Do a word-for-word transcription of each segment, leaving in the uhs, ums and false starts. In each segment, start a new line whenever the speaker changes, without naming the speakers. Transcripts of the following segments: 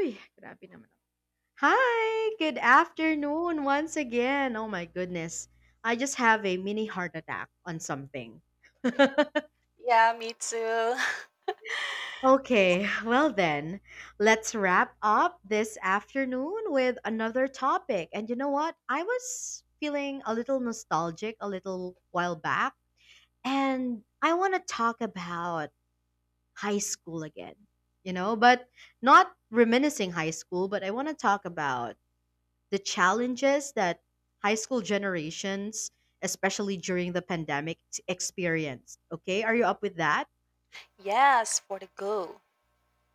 Uy, grabe naman. Hi! Good afternoon once again. Oh my goodness. I just have a mini heart attack on something.
Yeah, me too.
Okay, well then, let's wrap up this afternoon with another topic. And you know what? I was feeling a little nostalgic a little while back, and I want to talk about high school again, you know, but not reminiscing high school, but I want to talk about the challenges that high school generations, especially during the pandemic, t- experienced. Okay, are you up with that?
Yes, for the go.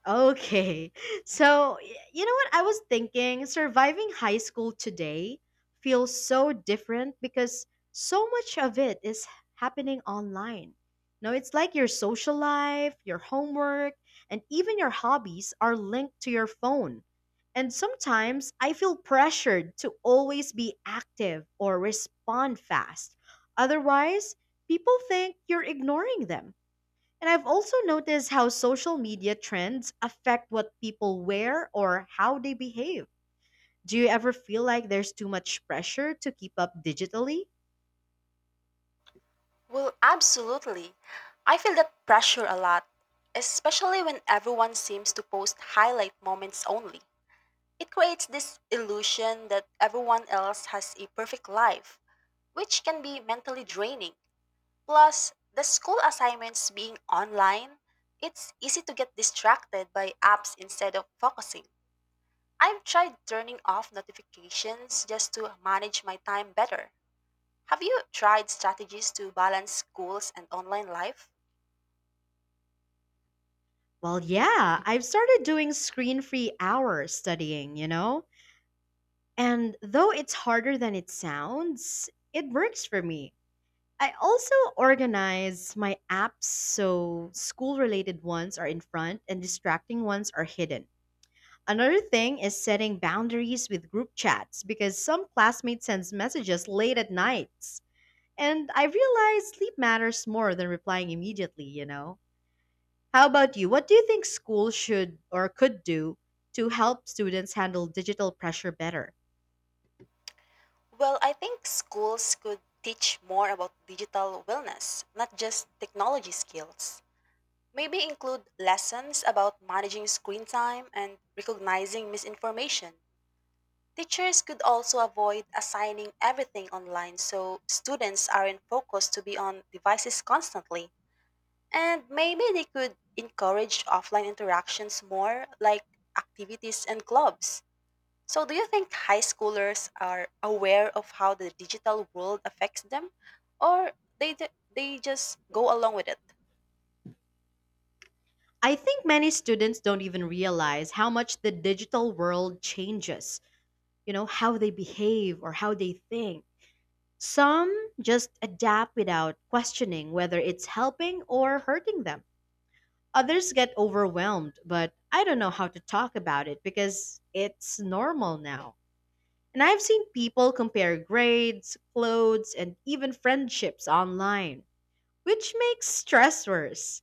Okay. So, y- you know what? I was thinking surviving high school today feels so different because so much of it is happening online. No, it's like your social life, your homework, and even your hobbies are linked to your phone. And sometimes I feel pressured to always be active or respond fast. Otherwise, people think you're ignoring them. And I've also noticed how social media trends affect what people wear or how they behave. Do you ever feel like there's too much pressure to keep up digitally?
Well, absolutely. I feel that pressure a lot, especially when everyone seems to post highlight moments only. It creates this illusion that everyone else has a perfect life, which can be mentally draining. Plus, the school assignments being online, it's easy to get distracted by apps instead of focusing. I've tried turning off notifications just to manage my time better. Have you tried strategies to balance schools and online life?
Well, yeah, I've started doing screen free hours studying, you know? And though it's harder than it sounds, it works for me. I also organize my apps so school related ones are in front and distracting ones are hidden. Another thing is setting boundaries with group chats because some classmates send messages late at nights. And I realize sleep matters more than replying immediately, you know? How about you? What do you think schools should or could do to help students handle digital pressure better?
Well, I think schools could teach more about digital wellness, not just technology skills. Maybe include lessons about managing screen time and recognizing misinformation. Teachers could also avoid assigning everything online so students aren't focused to be on devices constantly. And maybe they could encourage offline interactions more, like activities and clubs. So, do you think high schoolers are aware of how the digital world affects them, or they ju- they just go along with it?
I think many students don't even realize how much the digital world changes, you know, how they behave or how they think. Some just adapt without questioning whether it's helping or hurting them. Others get overwhelmed, but I don't know how to talk about it because it's normal now. And I've seen people compare grades, clothes, and even friendships online, which makes stress worse.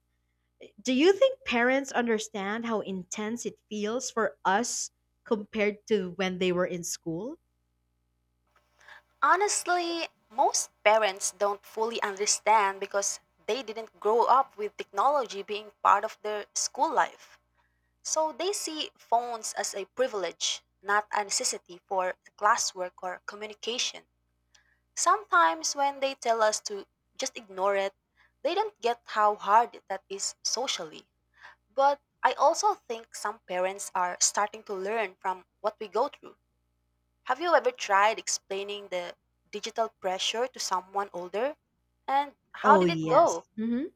Do you think parents understand how intense it feels for us compared to when they were in school?
Honestly, most parents don't fully understand because they didn't grow up with technology being part of their school life. So they see phones as a privilege, not a necessity for classwork or communication. Sometimes when they tell us to just ignore it, they don't get how hard that is socially. But I also think some parents are starting to learn from what we go through. Have you ever tried explaining the digital pressure to someone older? And how
Oh,
did it
yes.
go?
Mhm.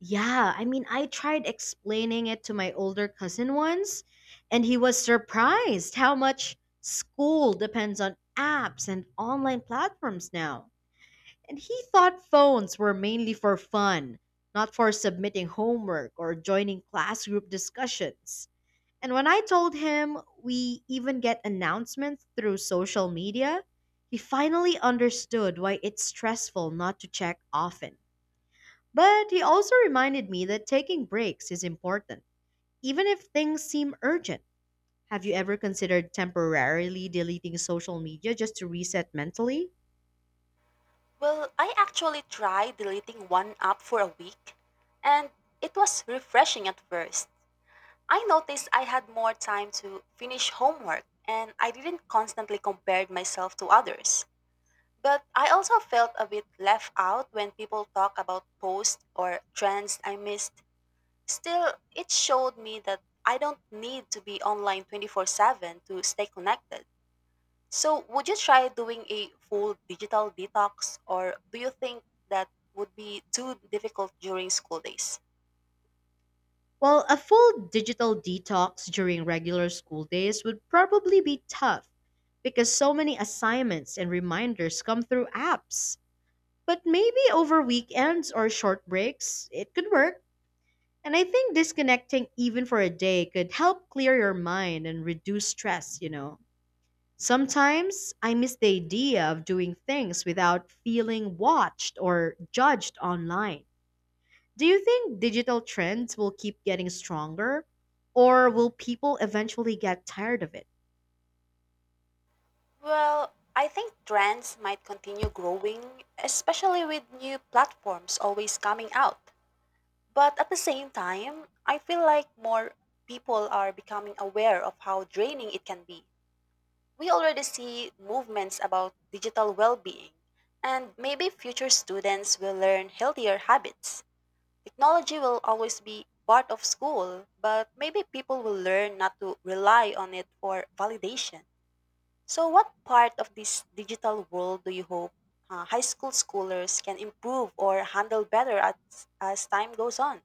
Yeah, I mean, I tried explaining it to my older cousin once, and he was surprised how much school depends on apps and online platforms now. And he thought phones were mainly for fun, not for submitting homework or joining class group discussions. And when I told him we even get announcements through social media, he finally understood why it's stressful not to check often. But he also reminded me that taking breaks is important, even if things seem urgent. Have you ever considered temporarily deleting social media just to reset mentally?
Well, I actually tried deleting one app for a week, and it was refreshing at first. I noticed I had more time to finish homework, and I didn't constantly compare myself to others. But I also felt a bit left out when people talk about posts or trends I missed. Still, it showed me that I don't need to be online twenty-four seven to stay connected. So, would you try doing a full digital detox, or do you think that would be too difficult during school days?
Well, a full digital detox during regular school days would probably be tough because so many assignments and reminders come through apps. But maybe over weekends or short breaks, it could work. And I think disconnecting even for a day could help clear your mind and reduce stress, you know. Sometimes I miss the idea of doing things without feeling watched or judged online. Do you think digital trends will keep getting stronger, or will people eventually get tired of it?
Well, I think trends might continue growing, especially with new platforms always coming out. But at the same time, I feel like more people are becoming aware of how draining it can be. We already see movements about digital well being, and maybe future students will learn healthier habits. Technology will always be part of school, but maybe people will learn not to rely on it for validation. So, what part of this digital world do you hope uh, high school schoolers can improve or handle better as, as time goes on?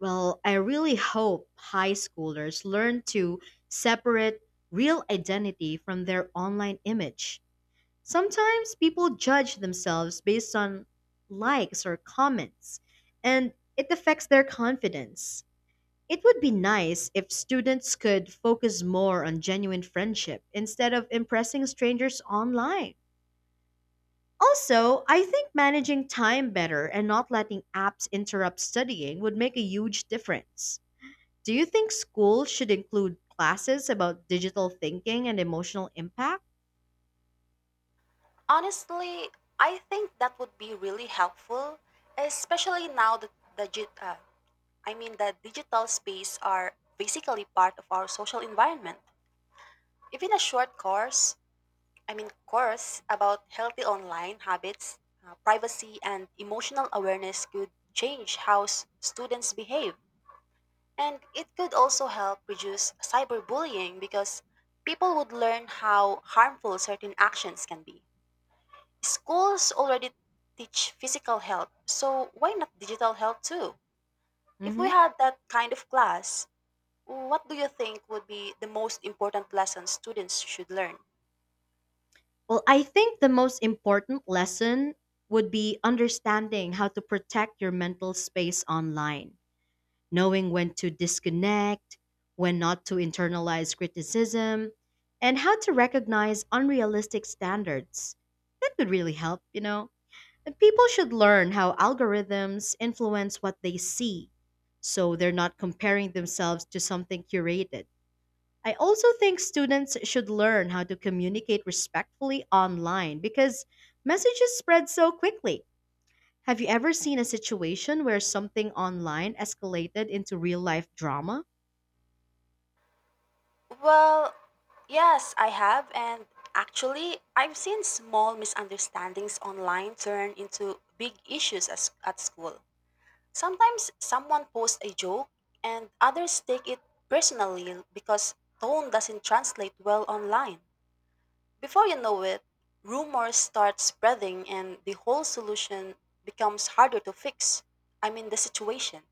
Well, I really hope high schoolers learn to separate real identity from their online image. Sometimes people judge themselves based on likes or comments, and it affects their confidence. It would be nice if students could focus more on genuine friendship instead of impressing strangers online. Also, I think managing time better and not letting apps interrupt studying would make a huge difference. Do you think schools should include classes about digital thinking and emotional impact?
Honestly, I think that would be really helpful, especially now that the gi- uh, I mean the digital space are basically part of our social environment. Even a short course, I mean course about healthy online habits, uh, privacy and emotional awareness could change how s- students behave. And it could also help reduce cyberbullying because people would learn how harmful certain actions can be. Schools already teach physical health, so why not digital health too? If we
Hmm.
had that kind of class, what do you think would be the most important lesson students should learn?
Well, I think the most important lesson would be understanding how to protect your mental space online. Knowing when to disconnect, when not to internalize criticism, and how to recognize unrealistic standards. That could really help, you know. And people should learn how algorithms influence what they see so they're not comparing themselves to something curated. I also think students should learn how to communicate respectfully online because messages spread so quickly. Have you ever seen a situation where something online escalated into real life drama?
Well, yes, I have, and actually, I've seen small misunderstandings online turn into big issues as, at school. Sometimes someone posts a joke, and others take it personally because tone doesn't translate well online. Before you know it, rumors start spreading and the whole solution becomes harder to fix. I mean, the situation.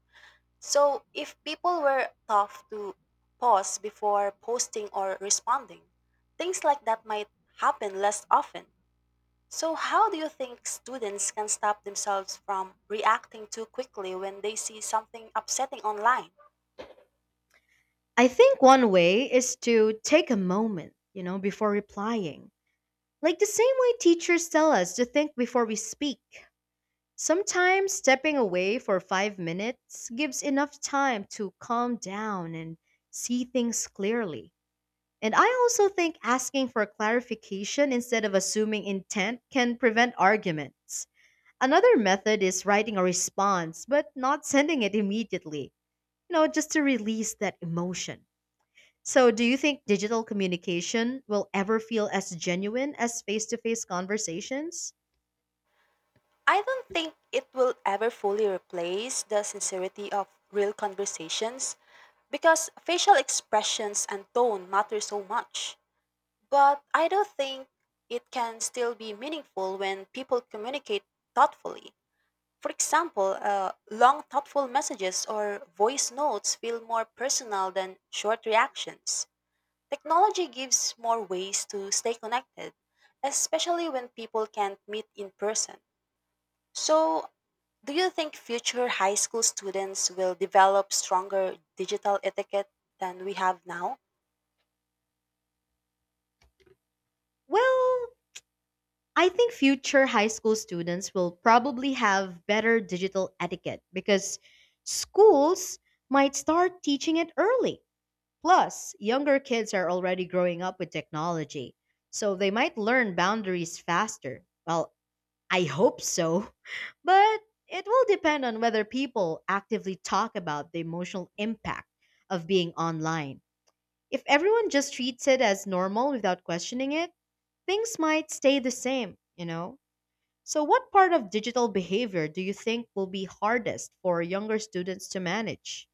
So, if people were tough to pause before posting or responding, things like that might happen less often. So, how do you think students can stop themselves from reacting too quickly when they see something upsetting online?
I think one way is to take a moment, you know, before replying. Like the same way teachers tell us to think before we speak. Sometimes stepping away for five minutes gives enough time to calm down and see things clearly. And I also think asking for clarification instead of assuming intent can prevent arguments. Another method is writing a response, but not sending it immediately, you know, just to release that emotion. So, do you think digital communication will ever feel as genuine as face to face conversations?
I don't think it will ever fully replace the sincerity of real conversations because facial expressions and tone matter so much. But I do think it can still be meaningful when people communicate thoughtfully. For example, uh, long thoughtful messages or voice notes feel more personal than short reactions. Technology gives more ways to stay connected, especially when people can't meet in person. So, do you think future high school students will develop stronger digital etiquette than we have now?
Well, I think future high school students will probably have better digital etiquette because schools might start teaching it early. Plus, younger kids are already growing up with technology, so they might learn boundaries faster, while I hope so. But it will depend on whether people actively talk about the emotional impact of being online. If everyone just treats it as normal without questioning it, things might stay the same, you know? So, what part of digital behavior do you think will be hardest for younger students to manage?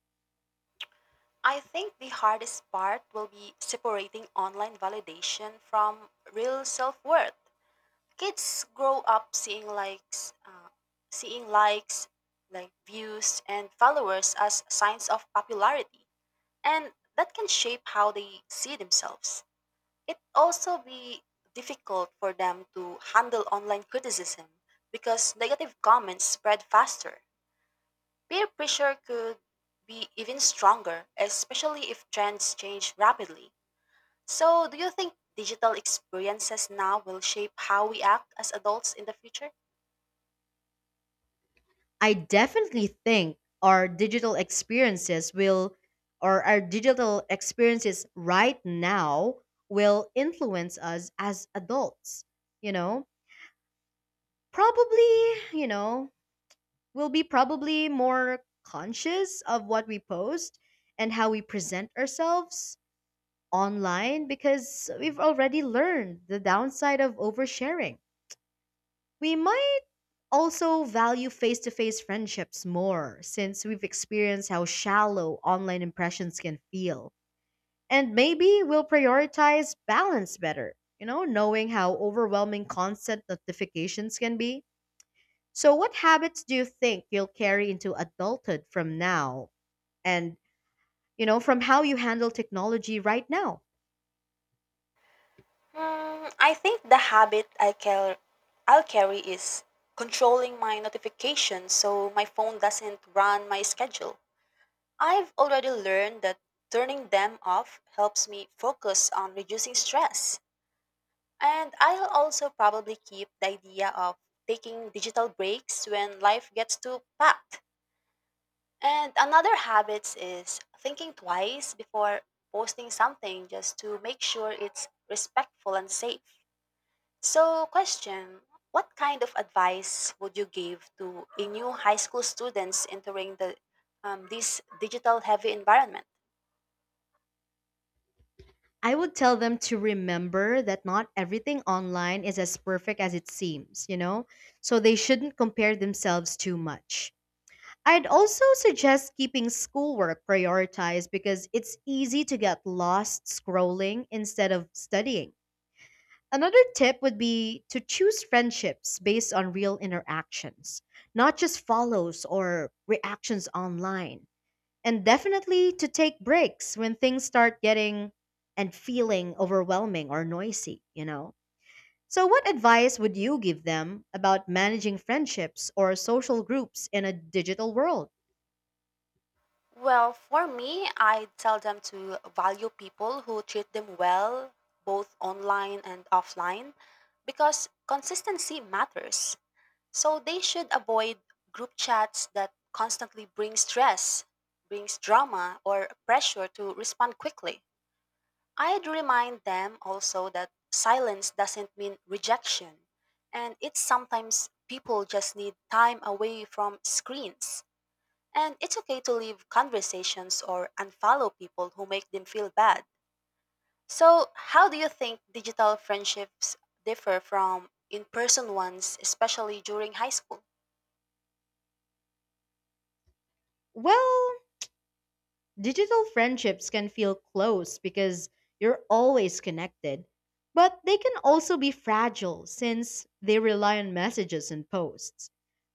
I think the hardest part will be separating online validation from real self-worth. Kids grow up seeing likes, uh, seeing likes, like views and followers as signs of popularity, and that can shape how they see themselves. It also be difficult for them to handle online criticism because negative comments spread faster. Peer pressure could be even stronger, especially if trends change rapidly. So, do you think digital experiences now will shape how we act as adults in the future?
I definitely think our digital experiences will, or our digital experiences right now will influence us as adults. You know, probably, you know, we'll be probably more conscious of what we post and how we present ourselves online because we've already learned the downside of oversharing. We might also value face to face friendships more since we've experienced how shallow online impressions can feel. And maybe we'll prioritize balance better, you know, knowing how overwhelming constant notifications can be. So, what habits do you think you'll carry into adulthood from now and, you know, from how you handle technology right now?
Hmm, I think the habit I car- I'll carry is controlling my notifications so my phone doesn't run my schedule. I've already learned that turning them off helps me focus on reducing stress. And I'll also probably keep the idea of taking digital breaks when life gets too packed. And another habit is thinking twice before posting something just to make sure it's respectful and safe. So, question, what kind of advice would you give to a new high school students entering the um, this digital heavy environment?
I would tell them to remember that not everything online is as perfect as it seems, you know? So they shouldn't compare themselves too much. I'd also suggest keeping schoolwork prioritized because it's easy to get lost scrolling instead of studying. Another tip would be to choose friendships based on real interactions, not just follows or reactions online. And definitely to take breaks when things start getting and feeling overwhelming or noisy, you know? So, what advice would you give them about managing friendships or social groups in a digital world?
Well, for me, I tell them to value people who treat them well, both online and offline, because consistency matters. So they should avoid group chats that constantly bring stress, brings drama, or pressure to respond quickly. I'd remind them also that silence doesn't mean rejection, and it's sometimes people just need time away from screens. And it's okay to leave conversations or unfollow people who make them feel bad. So, how do you think digital friendships differ from in person ones, especially during high school?
Well, digital friendships can feel close because you're always connected, but they can also be fragile since they rely on messages and posts.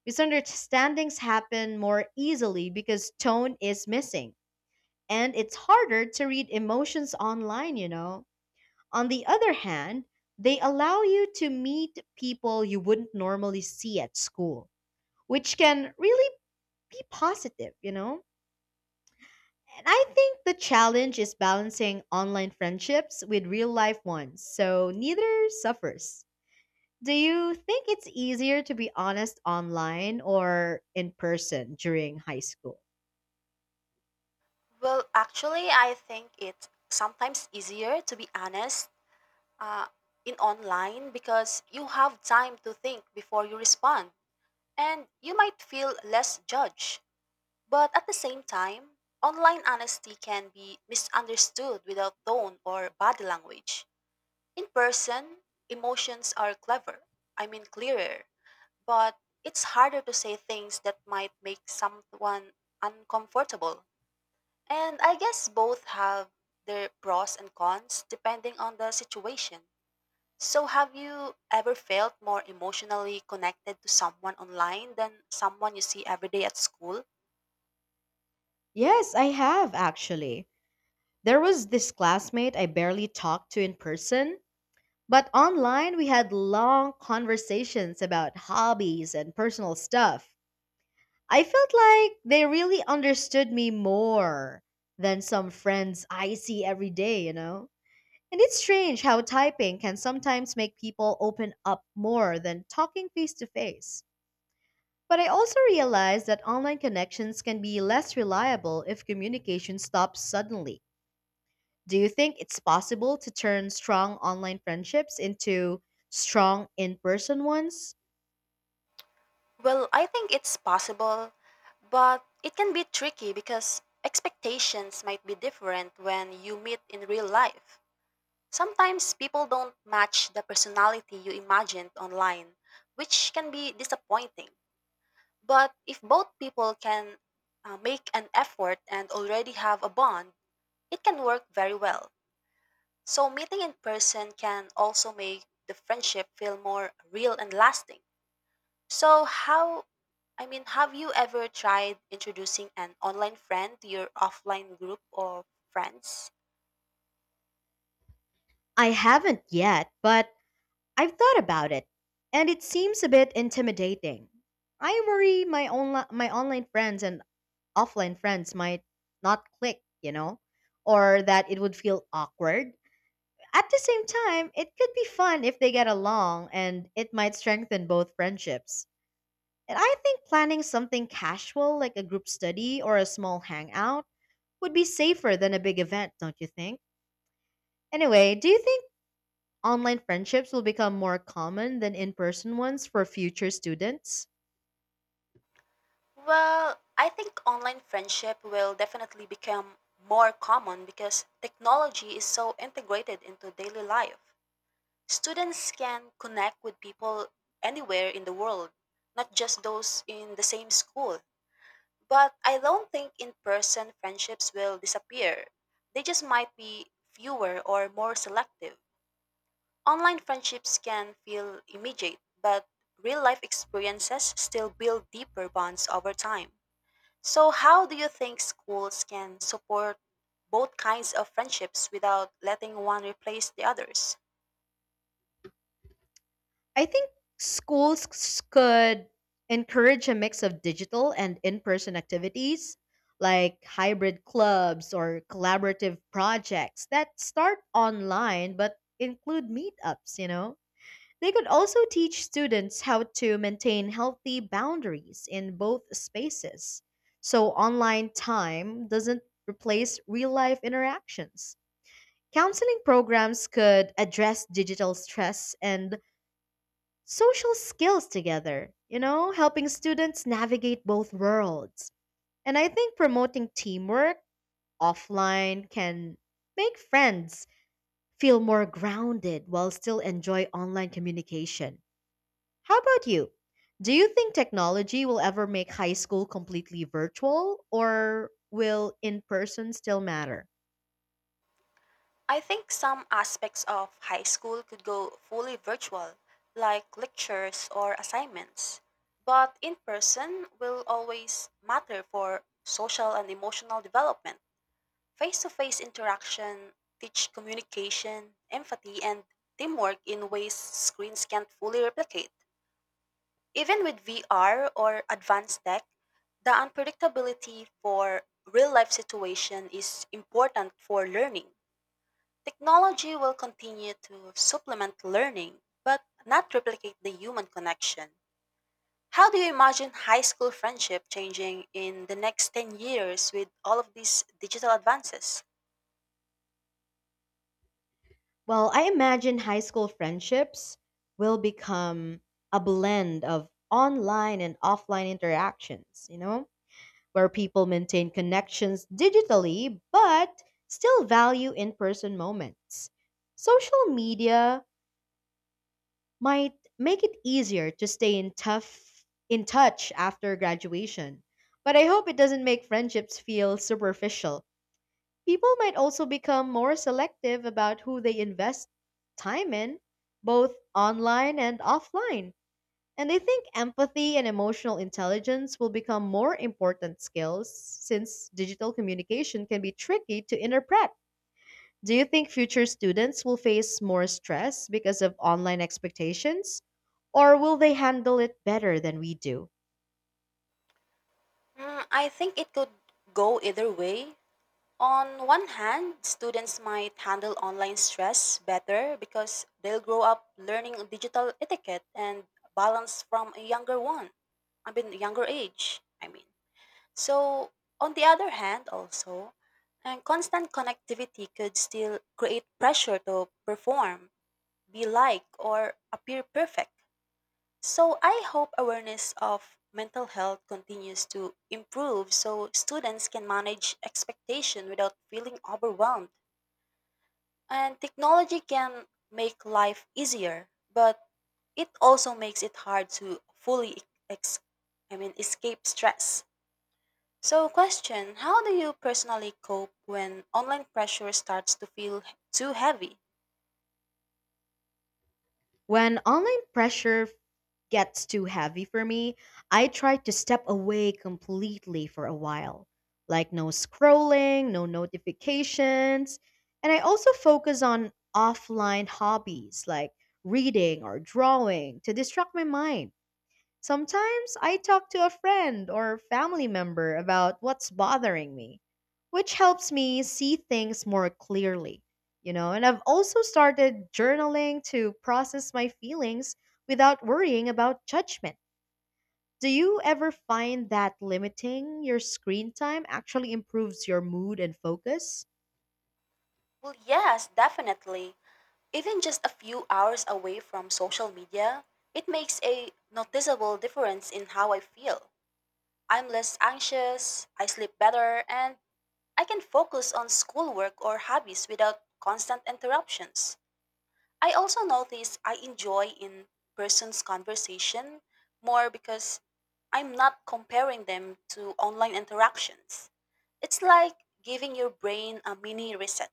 Misunderstandings happen more easily because tone is missing and it's harder to read emotions online, you know. On the other hand, they allow you to meet people you wouldn't normally see at school, which can really be positive, you know. And I think the challenge is balancing online friendships with real life ones, so neither suffers. Do you think it's easier to be honest online or in person during high school?
Well, actually, I think it's sometimes easier to be honest uh, in online because you have time to think before you respond and you might feel less judged. But at the same time, online honesty can be misunderstood without tone or body language. In person, emotions are clever. I mean, clearer. But it's harder to say things that might make someone uncomfortable. And I guess both have their pros and cons depending on the situation. So, have you ever felt more emotionally connected to someone online than someone you see every day at school?
Yes, I have actually. There was this classmate I barely talked to in person, but online we had long conversations about hobbies and personal stuff. I felt like they really understood me more than some friends I see every day, you know? And it's strange how typing can sometimes make people open up more than talking face to face. But I also realized that online connections can be less reliable if communication stops suddenly. Do you think it's possible to turn strong online friendships into strong in person ones?
Well, I think it's possible, but it can be tricky because expectations might be different when you meet in real life. Sometimes people don't match the personality you imagined online, which can be disappointing. But if both people can uh, make an effort and already have a bond, it can work very well. So, meeting in person can also make the friendship feel more real and lasting. So, how, I mean, have you ever tried introducing an online friend to your offline group of friends?
I haven't yet, but I've thought about it, and it seems a bit intimidating. I worry my onli- my online friends and offline friends might not click, you know, or that it would feel awkward. At the same time, it could be fun if they get along and it might strengthen both friendships. And I think planning something casual like a group study or a small hangout would be safer than a big event, don't you think? Anyway, do you think online friendships will become more common than in person ones for future students?
Well, I think online friendship will definitely become more common because technology is so integrated into daily life. Students can connect with people anywhere in the world, not just those in the same school. But I don't think in person friendships will disappear. They just might be fewer or more selective. Online friendships can feel immediate, but real life experiences still build deeper bonds over time. So, how do you think schools can support both kinds of friendships without letting one replace the others?
I think schools c- could encourage a mix of digital and in person activities like hybrid clubs or collaborative projects that start online but include meetups, you know? They could also teach students how to maintain healthy boundaries in both spaces so online time doesn't replace real life interactions. Counseling programs could address digital stress and social skills together, you know, helping students navigate both worlds. And I think promoting teamwork offline can make friends feel more grounded while still enjoy online communication. How about you? Do you think technology will ever make high school completely virtual or will in person still matter?
I think some aspects of high school could go fully virtual, like lectures or assignments, but in person will always matter for social and emotional development. Face to face interaction teach communication, empathy, and teamwork in ways screens can't fully replicate. Even with V R or advanced tech, the unpredictability for real life situation is important for learning. Technology will continue to supplement learning, but not replicate the human connection. How do you imagine high school friendship changing in the next ten years with all of these digital advances?
Well, I imagine high school friendships will become a blend of online and offline interactions, you know, where people maintain connections digitally but still value in person moments. Social media might make it easier to stay in tough in touch after graduation. But I hope it doesn't make friendships feel superficial. People might also become more selective about who they invest time in, both online and offline. And I think empathy and emotional intelligence will become more important skills since digital communication can be tricky to interpret. Do you think future students will face more stress because of online expectations, or will they handle it better than we do?
Mm, I think it could go either way. On one hand, students might handle online stress better because they'll grow up learning digital etiquette and balance from a younger one. I mean, younger age, I mean. So, on the other hand, also, and constant connectivity could still create pressure to perform, be like, or appear perfect. So I hope awareness of mental health continues to improve so students can manage expectation without feeling overwhelmed. And technology can make life easier, but it also makes it hard to fully e-, ex- I mean escape stress. So question, how do you personally cope when online pressure starts to feel too heavy?
When online pressure f- gets too heavy for me, I try to step away completely for a while. Like no scrolling, no notifications. And I also focus on offline hobbies like reading or drawing to distract my mind. Sometimes I talk to a friend or family member about what's bothering me, which helps me see things more clearly. You know, and I've also started journaling to process my feelings without worrying about judgment. Do you ever find that limiting your screen time actually improves your mood and focus?
Well, yes, definitely. Even just a few hours away from social media, it makes a noticeable difference in how I feel. I'm less anxious, I sleep better, and I can focus on schoolwork or hobbies without constant interruptions. I also notice I enjoy in person's conversation more because I'm not comparing them to online interactions. It's like giving your brain a mini reset.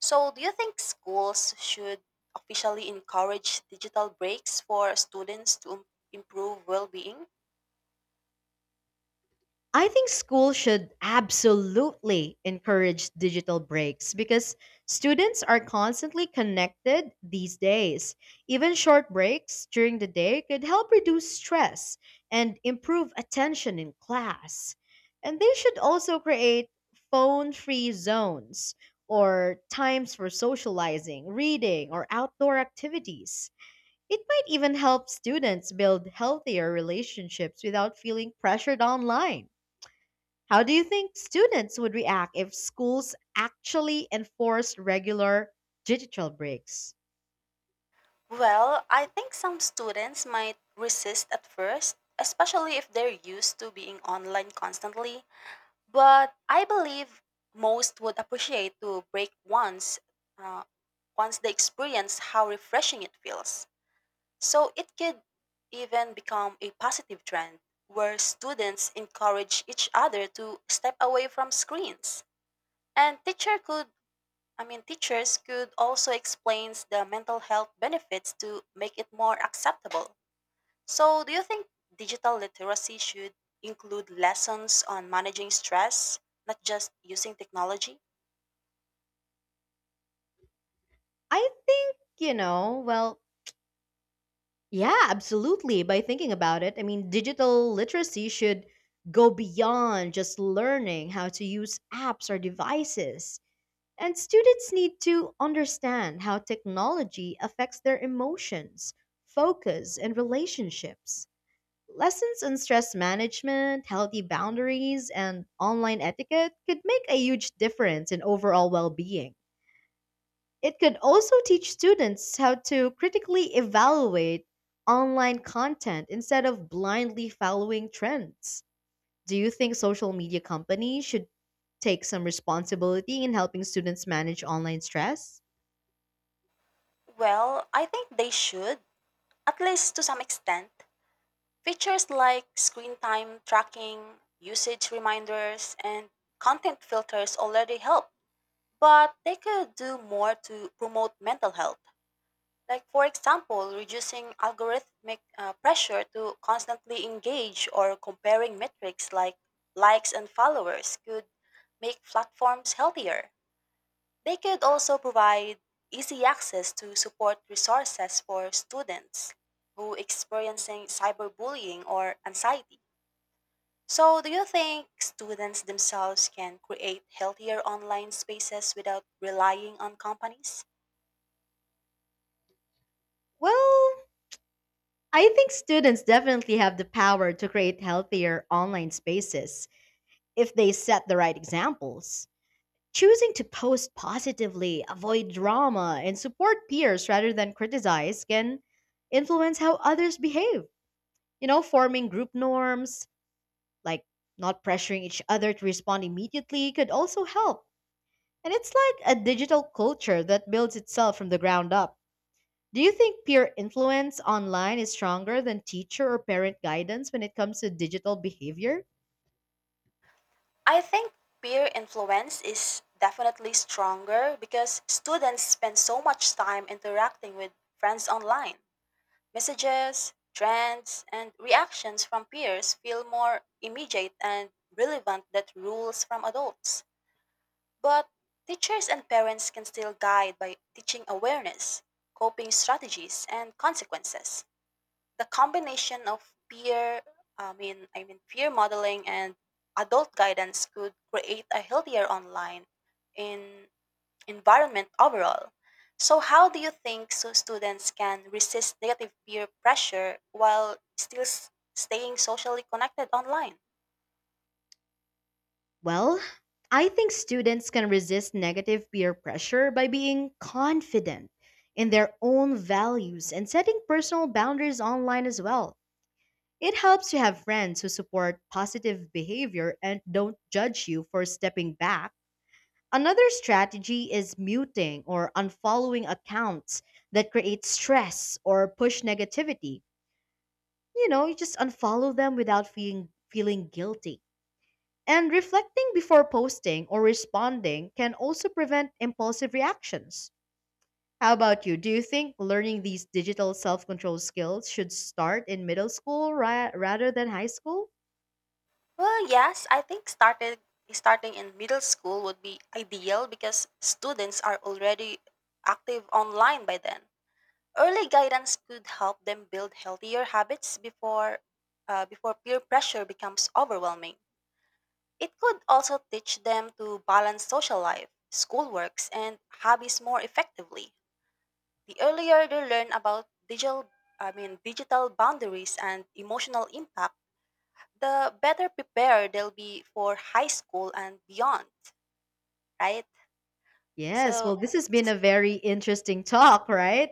So, do you think schools should officially encourage digital breaks for students to im- improve well being?
I think schools should absolutely encourage digital breaks because students are constantly connected these days. Even short breaks during the day could help reduce stress and improve attention in class. And they should also create phone free zones or times for socializing, reading, or outdoor activities. It might even help students build healthier relationships without feeling pressured online. How do you think students would react if schools actually enforced regular digital breaks?
Well, I think some students might resist at first, especially if they're used to being online constantly. But I believe most would appreciate to break once, uh, once they experience how refreshing it feels. So it could even become a positive trend where students encourage each other to step away from screens. And teacher could I mean teachers could also explain the mental health benefits to make it more acceptable. So do you think digital literacy should include lessons on managing stress, not just using technology?
I think, you know, well, yeah, absolutely. By thinking about it, I mean, digital literacy should go beyond just learning how to use apps or devices. And students need to understand how technology affects their emotions, focus, and relationships. Lessons on stress management, healthy boundaries, and online etiquette could make a huge difference in overall well being. It could also teach students how to critically evaluate online content instead of blindly following trends. Do you think social media companies should take some responsibility in helping students manage online stress?
Well, I think they should, at least to some extent. Features like screen time tracking, usage reminders, and content filters already help, but they could do more to promote mental health. Like, for example, reducing algorithmic uh, pressure to constantly engage or comparing metrics like likes and followers could make platforms healthier. They could also provide easy access to support resources for students who experiencing cyberbullying or anxiety. So, do you think students themselves can create healthier online spaces without relying on companies?
Well, I think students definitely have the power to create healthier online spaces if they set the right examples. Choosing to post positively, avoid drama, and support peers rather than criticize can influence how others behave. You know, forming group norms, like not pressuring each other to respond immediately, could also help. And it's like a digital culture that builds itself from the ground up. Do you think peer influence online is stronger than teacher or parent guidance when it comes to digital behavior?
I think peer influence is definitely stronger because students spend so much time interacting with friends online. Messages, trends, and reactions from peers feel more immediate and relevant than rules from adults. But teachers and parents can still guide by teaching awareness, coping strategies, and consequences. The combination of peer I mean I mean peer modeling and adult guidance could create a healthier online in environment overall. So how do you think so students can resist negative peer pressure while still s- staying socially connected online?
Well, I think students can resist negative peer pressure by being confident in their own values and setting personal boundaries online as well. It helps to have friends who support positive behavior and don't judge you for stepping back. Another strategy is muting or unfollowing accounts that create stress or push negativity. You know, you just unfollow them without feeling feeling guilty. And reflecting before posting or responding can also prevent impulsive reactions. How about you? Do you think learning these digital self-control skills should start in middle school ra- rather than high school?
Well, yes, I think started starting in middle school would be ideal because students are already active online by then. Early guidance could help them build healthier habits before, uh, before peer pressure becomes overwhelming. It could also teach them to balance social life, schoolworks, and hobbies more effectively. The earlier they learn about digital, I mean, digital boundaries and emotional impact, the better prepared they'll be for high school and beyond, right?
Yes,
So,
well, this has been a very interesting talk, right?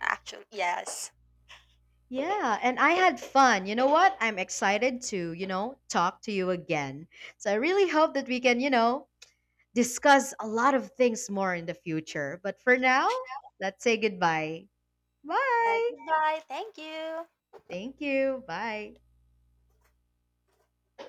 actually, yes.
Yeah, and I had fun. You know what? I'm excited to, you know, talk to you again. So I really hope that we can, you know, discuss a lot of things more in the future. But for now, let's say goodbye.
Yeah,
Bye.
goodbye. Thank you.
Thank you. Bye.